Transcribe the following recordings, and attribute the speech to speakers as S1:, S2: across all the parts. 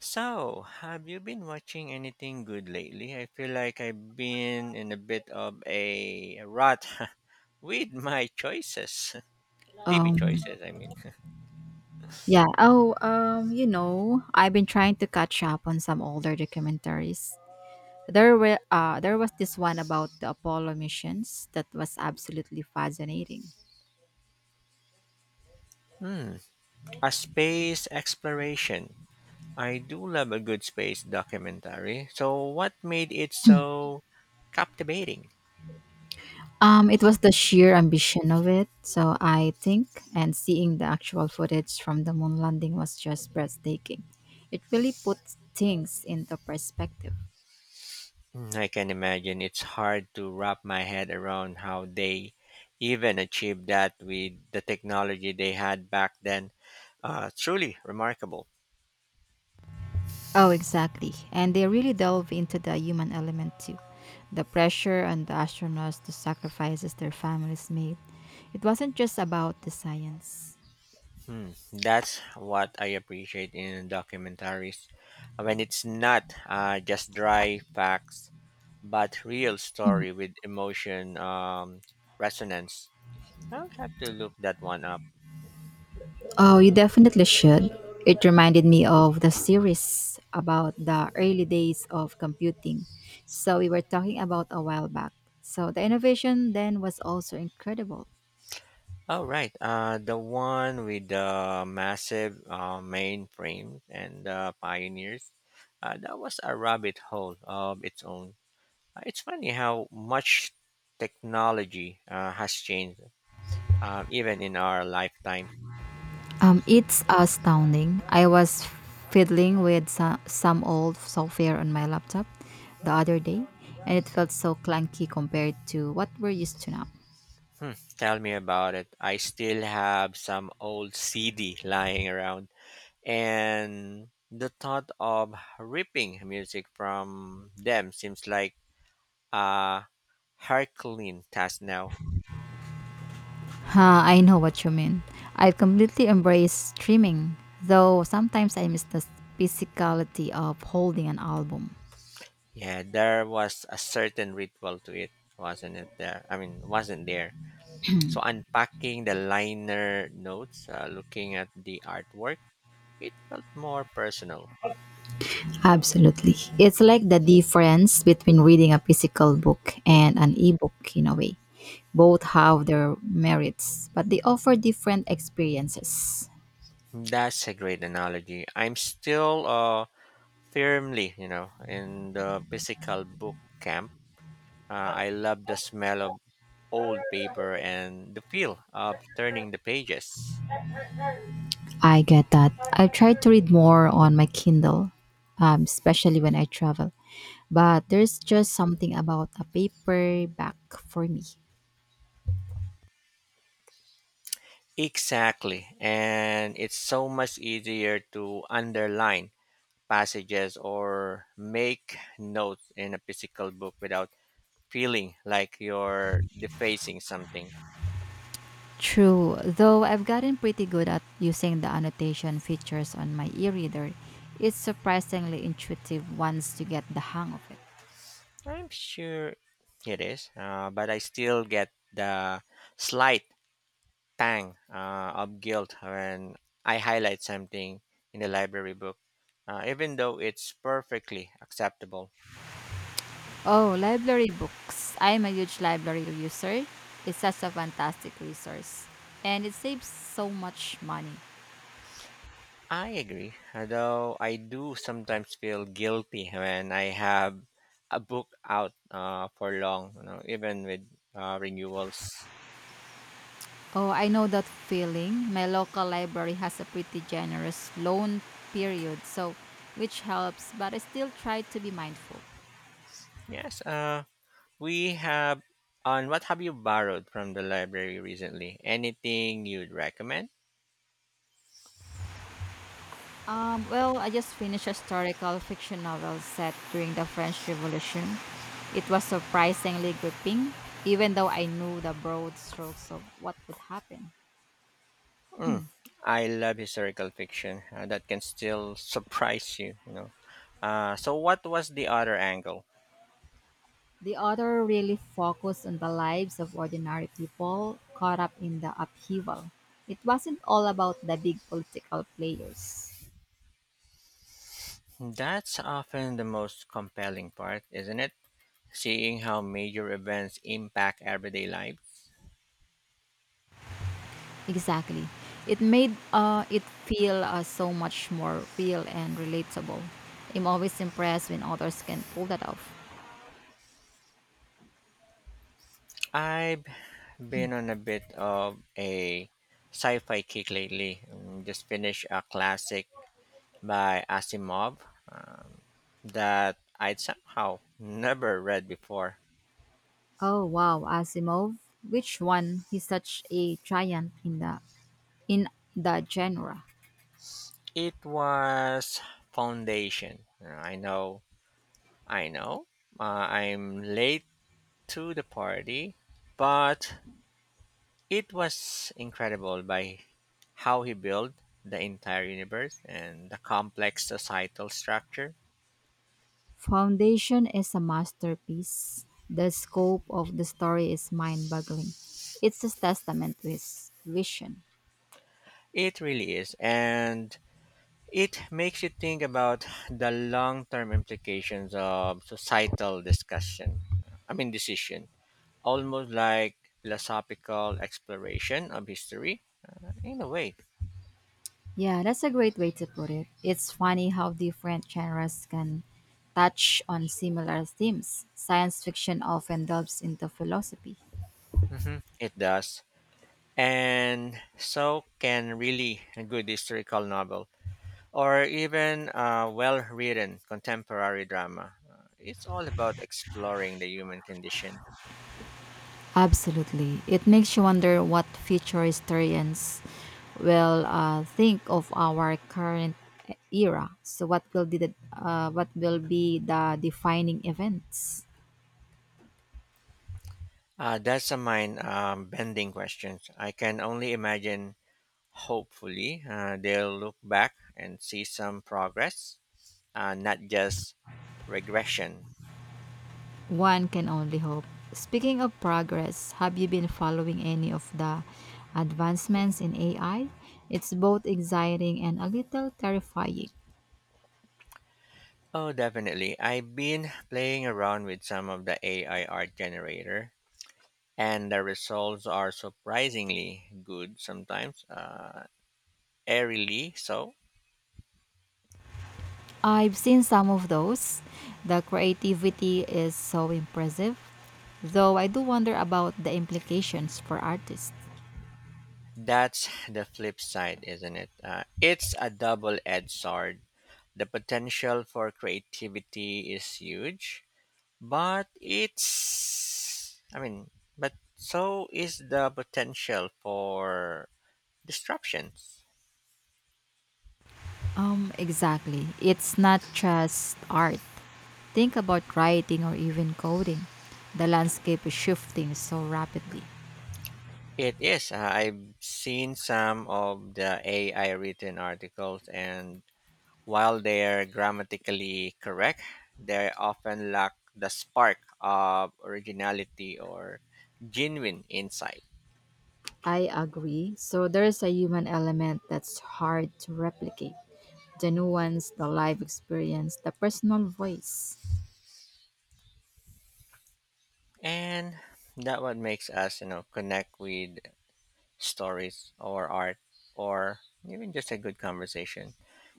S1: So, have you been watching anything good lately? I feel like I've been in a bit of a rut with my choices, TV
S2: Um,
S1: choices, I mean.
S2: yeah. Oh, you know, I've been trying to catch up on some older documentaries. There was this one about the Apollo missions that was absolutely fascinating.
S1: Hmm, a space exploration. I do love a good space documentary. So, what made it so captivating?
S2: It was the sheer ambition of it, so I think, and seeing the actual footage from the moon landing was just breathtaking. It really put things into perspective.
S1: Hmm, I can imagine it's hard to wrap my head around how they even achieved that with the technology they had back then. Truly remarkable.
S2: Oh, exactly. And they really delve into the human element too. The pressure on the astronauts, the sacrifices their families made. It wasn't just about the science.
S1: Hmm, that's what I appreciate in documentaries. When it's not just dry facts, but real story with emotion resonance. I'll have to look that one up.
S2: Oh, you definitely should. It reminded me of the series about the early days of computing. So, we were talking about a while back. So, the innovation then was also incredible.
S1: All right, the one with the massive mainframe and the pioneers. That was a rabbit hole of its own. It's funny how much technology has changed, even in our lifetime.
S2: It's astounding. I was fiddling with some old software on my laptop the other day, and it felt so clunky compared to what we're used to now.
S1: Hmm, tell me about it. I still have some old CD lying around, and the thought of ripping music from them seems like a Herculean task now.
S2: Ha, I know what you mean. I've completely embraced streaming, though sometimes I miss the physicality of holding an album.
S1: Yeah, there was a certain ritual to it, wasn't it? Wasn't there? So unpacking the liner notes, looking at the artwork, it felt more personal.
S2: Absolutely. It's like the difference between reading a physical book and an ebook in a way. Both have their merits, but they offer different experiences.
S1: That's a great analogy. I'm still firmly in the physical book camp. I love the smell of old paper and the feel of turning the pages.
S2: I get that. I've tried to read more on my Kindle, especially when I travel. But there's just something about a paperback for me.
S1: Exactly. And it's so much easier to underline passages or make notes in a physical book without feeling like you're defacing something.
S2: True, though I've gotten pretty good at using the annotation features on my e reader, it's surprisingly intuitive once you get the hang of it.
S1: I'm sure it is, but I still get the slight tang of guilt when I highlight something in the library book, even though it's perfectly acceptable.
S2: Oh, library books. I'm a huge library user. It's such a fantastic resource, and it saves so much money.
S1: I agree, although I do sometimes feel guilty when I have a book out for long, even with renewals.
S2: Oh, I know that feeling. My local library has a pretty generous loan period, which helps, but I still try to be mindful.
S1: Yes, we have. On what have you borrowed from the library recently? Anything you'd recommend?
S2: Well, I just finished a historical fiction novel set during the French Revolution. It was surprisingly gripping, even though I knew the broad strokes of what would happen.
S1: Mm, I love historical fiction that can still surprise you, you know. So what was the other angle?
S2: The author really focused on the lives of ordinary people caught up in the upheaval. It wasn't all about the big political players.
S1: That's often the most compelling part, isn't it? Seeing how major events impact everyday life.
S2: Exactly. It made it feel so much more real and relatable. I'm always impressed when authors can pull that off.
S1: I've been on a bit of a sci-fi kick lately. Just finished a classic by Asimov um, that I'd somehow never read before.
S2: Oh wow, Asimov. Which one? He's such a giant in the genre.
S1: It was foundation. I know, I'm late to the party, but it was incredible by how he built the entire universe and the complex societal structure.
S2: Foundation is a masterpiece. The scope of the story is mind-boggling. It's a testament to his vision.
S1: It really is, and it makes you think about the long-term implications of societal decision, almost like philosophical exploration of history in a way.
S2: Yeah, that's a great way to put it. It's funny how different genres can touch on similar themes. Science fiction often delves into philosophy.
S1: It does. And so can really a good historical novel or even a well written contemporary drama. It's all about exploring the human condition.
S2: Absolutely. It makes you wonder what future historians will think of our current era. So what will be the defining events?
S1: That's a mind bending question. I can only imagine, hopefully, they'll look back and see some progress, not just regression.
S2: One can only hope. Speaking of progress, have you been following any of the advancements in AI? It's both exciting and a little terrifying.
S1: Oh, definitely. I've been playing around with some of the AI art generator and the results are surprisingly good sometimes, airily so.
S2: I've seen some of those. The creativity is so impressive, though I do wonder about the implications for artists.
S1: That's the flip side, isn't it? It's a double edged sword. The potential for creativity is huge, but so is the potential for disruptions.
S2: Exactly. It's not just art. Think about writing or even coding. The landscape is shifting so rapidly.
S1: It is. I've seen some of the AI written articles, and while they're grammatically correct, they often lack the spark of originality or genuine insight.
S2: I agree. So there is a human element that's hard to replicate. The nuance, the life experience, the personal voice.
S1: And that what makes us connect with stories or art or even just a good conversation.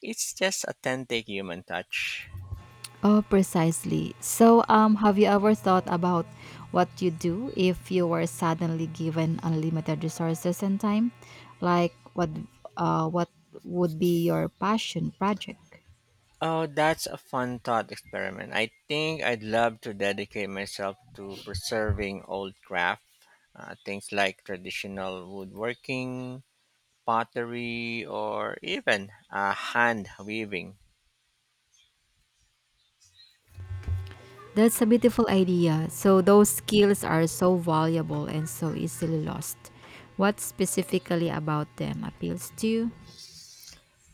S1: It's just authentic human touch.
S2: Oh, precisely. So, have you ever thought about what you do if you were suddenly given unlimited resources and time? Like what would be your passion project?
S1: Oh, that's a fun thought experiment. I think I'd love to dedicate myself to preserving old craft, things like traditional woodworking, pottery, or even hand weaving.
S2: That's a beautiful idea. So those skills are so valuable and so easily lost. What specifically about them appeals to you?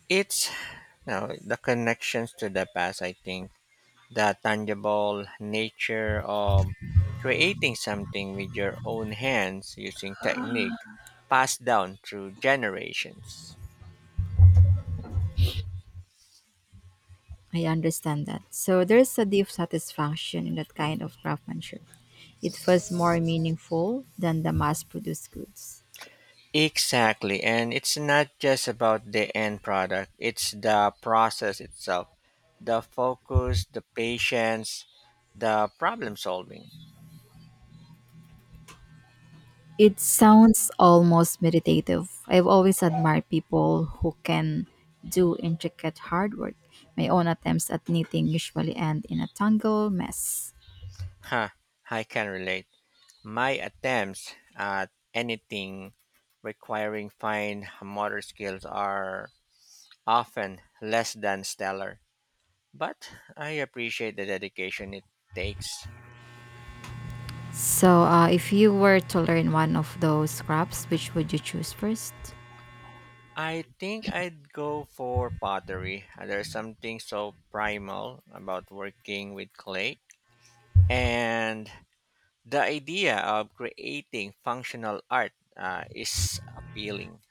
S1: It's the connections to the past, I think, the tangible nature of creating something with your own hands using technique passed down through generations.
S2: I understand that. So there's a deep satisfaction in that kind of craftsmanship. It feels more meaningful than the mass produced goods.
S1: Exactly. And it's not just about the end product, it's the process itself, the focus, the patience, the problem solving.
S2: It sounds almost meditative. I've always admired people who can do intricate hard work. My own attempts at knitting usually end in a tangled mess.
S1: Huh, I can relate. My attempts at anything requiring fine motor skills are often less than stellar, but I appreciate the dedication it takes.
S2: So, if you were to learn one of those crafts, which would you choose first?
S1: I think I'd go for pottery. There's something so primal about working with clay, and the idea of creating functional art is appealing.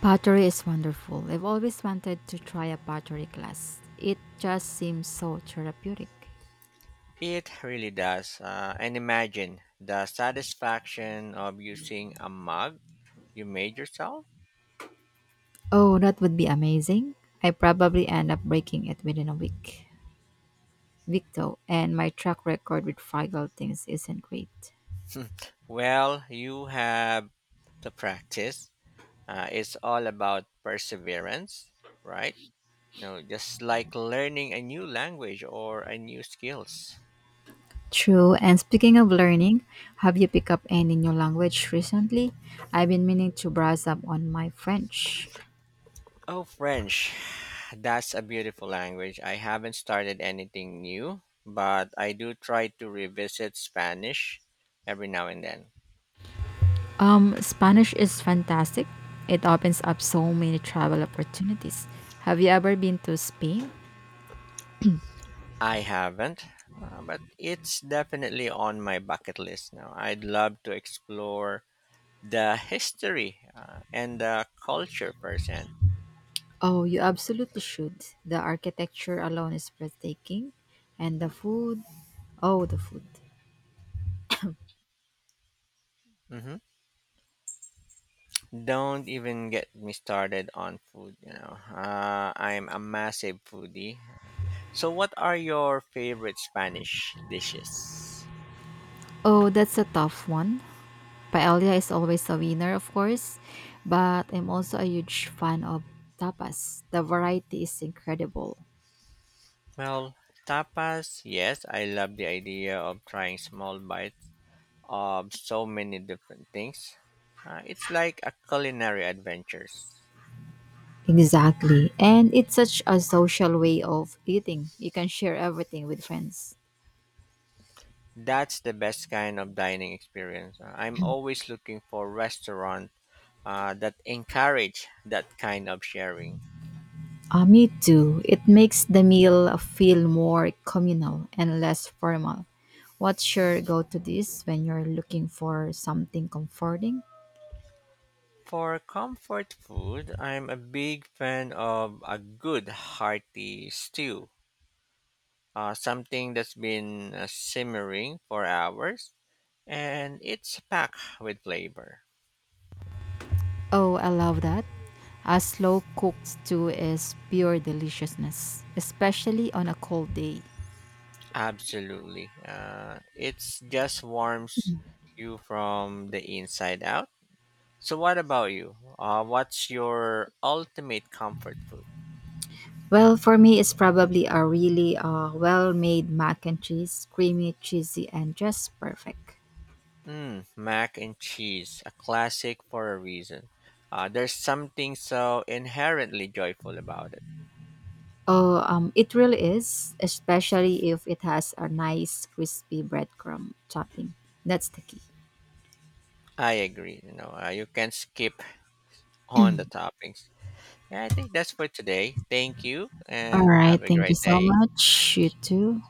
S2: Pottery is wonderful. I've always wanted to try a pottery class. It just seems so therapeutic.
S1: It really does. And imagine the satisfaction of using a mug you made yourself.
S2: Oh, that would be amazing. I probably end up breaking it within a week and my track record with fragile things isn't great.
S1: Well, you have to practice. It's all about perseverance, right? Just like learning a new language or a new skills.
S2: True, and speaking of learning, have you picked up any new language recently? I've been meaning to brush up on my French.
S1: Oh, French. That's a beautiful language. I haven't started anything new, but I do try to revisit Spanish every now and then.
S2: Spanish is fantastic. It opens up so many travel opportunities. Have you ever been to Spain?
S1: I haven't, but it's definitely on my bucket list now. I'd love to explore the history and the culture firsthand.
S2: Oh, you absolutely should. The architecture alone is breathtaking. And the food. Oh, the food.
S1: hmm Don't even get me started on food. I'm a massive foodie. So, what are your favorite Spanish dishes?
S2: Oh, that's a tough one. Paella is always a winner, of course. But I'm also a huge fan of tapas. The variety is incredible.
S1: Well, tapas. Yes, I love the idea of trying small bites of so many different things. It's like a culinary adventures.
S2: Exactly. And it's such a social way of eating. You can share everything with friends.
S1: That's the best kind of dining experience. I'm always looking for restaurant that encourage that kind of sharing.
S2: Me too. It makes the meal feel more communal and less formal. What's your go to dish when you're looking for something comforting?
S1: For comfort food, I'm a big fan of a good hearty stew, something that's been simmering for hours and it's packed with flavor.
S2: Oh, I love that. A slow cooked stew is pure deliciousness, especially on a cold day.
S1: Absolutely. It's just warms you from the inside out. So, what about you? What's your ultimate comfort food?
S2: Well, for me, it's probably a really well made mac and cheese, creamy, cheesy, and just perfect.
S1: Mm, mac and cheese, a classic for a reason. There's something so inherently joyful about it.
S2: Oh, it really is, especially if it has a nice crispy breadcrumb topping. That's the key.
S1: I agree. You can skip on the toppings. Yeah, I think that's for today. Thank you,
S2: All
S1: and
S2: right.
S1: have a
S2: Thank you
S1: great
S2: so
S1: day.
S2: much. You too.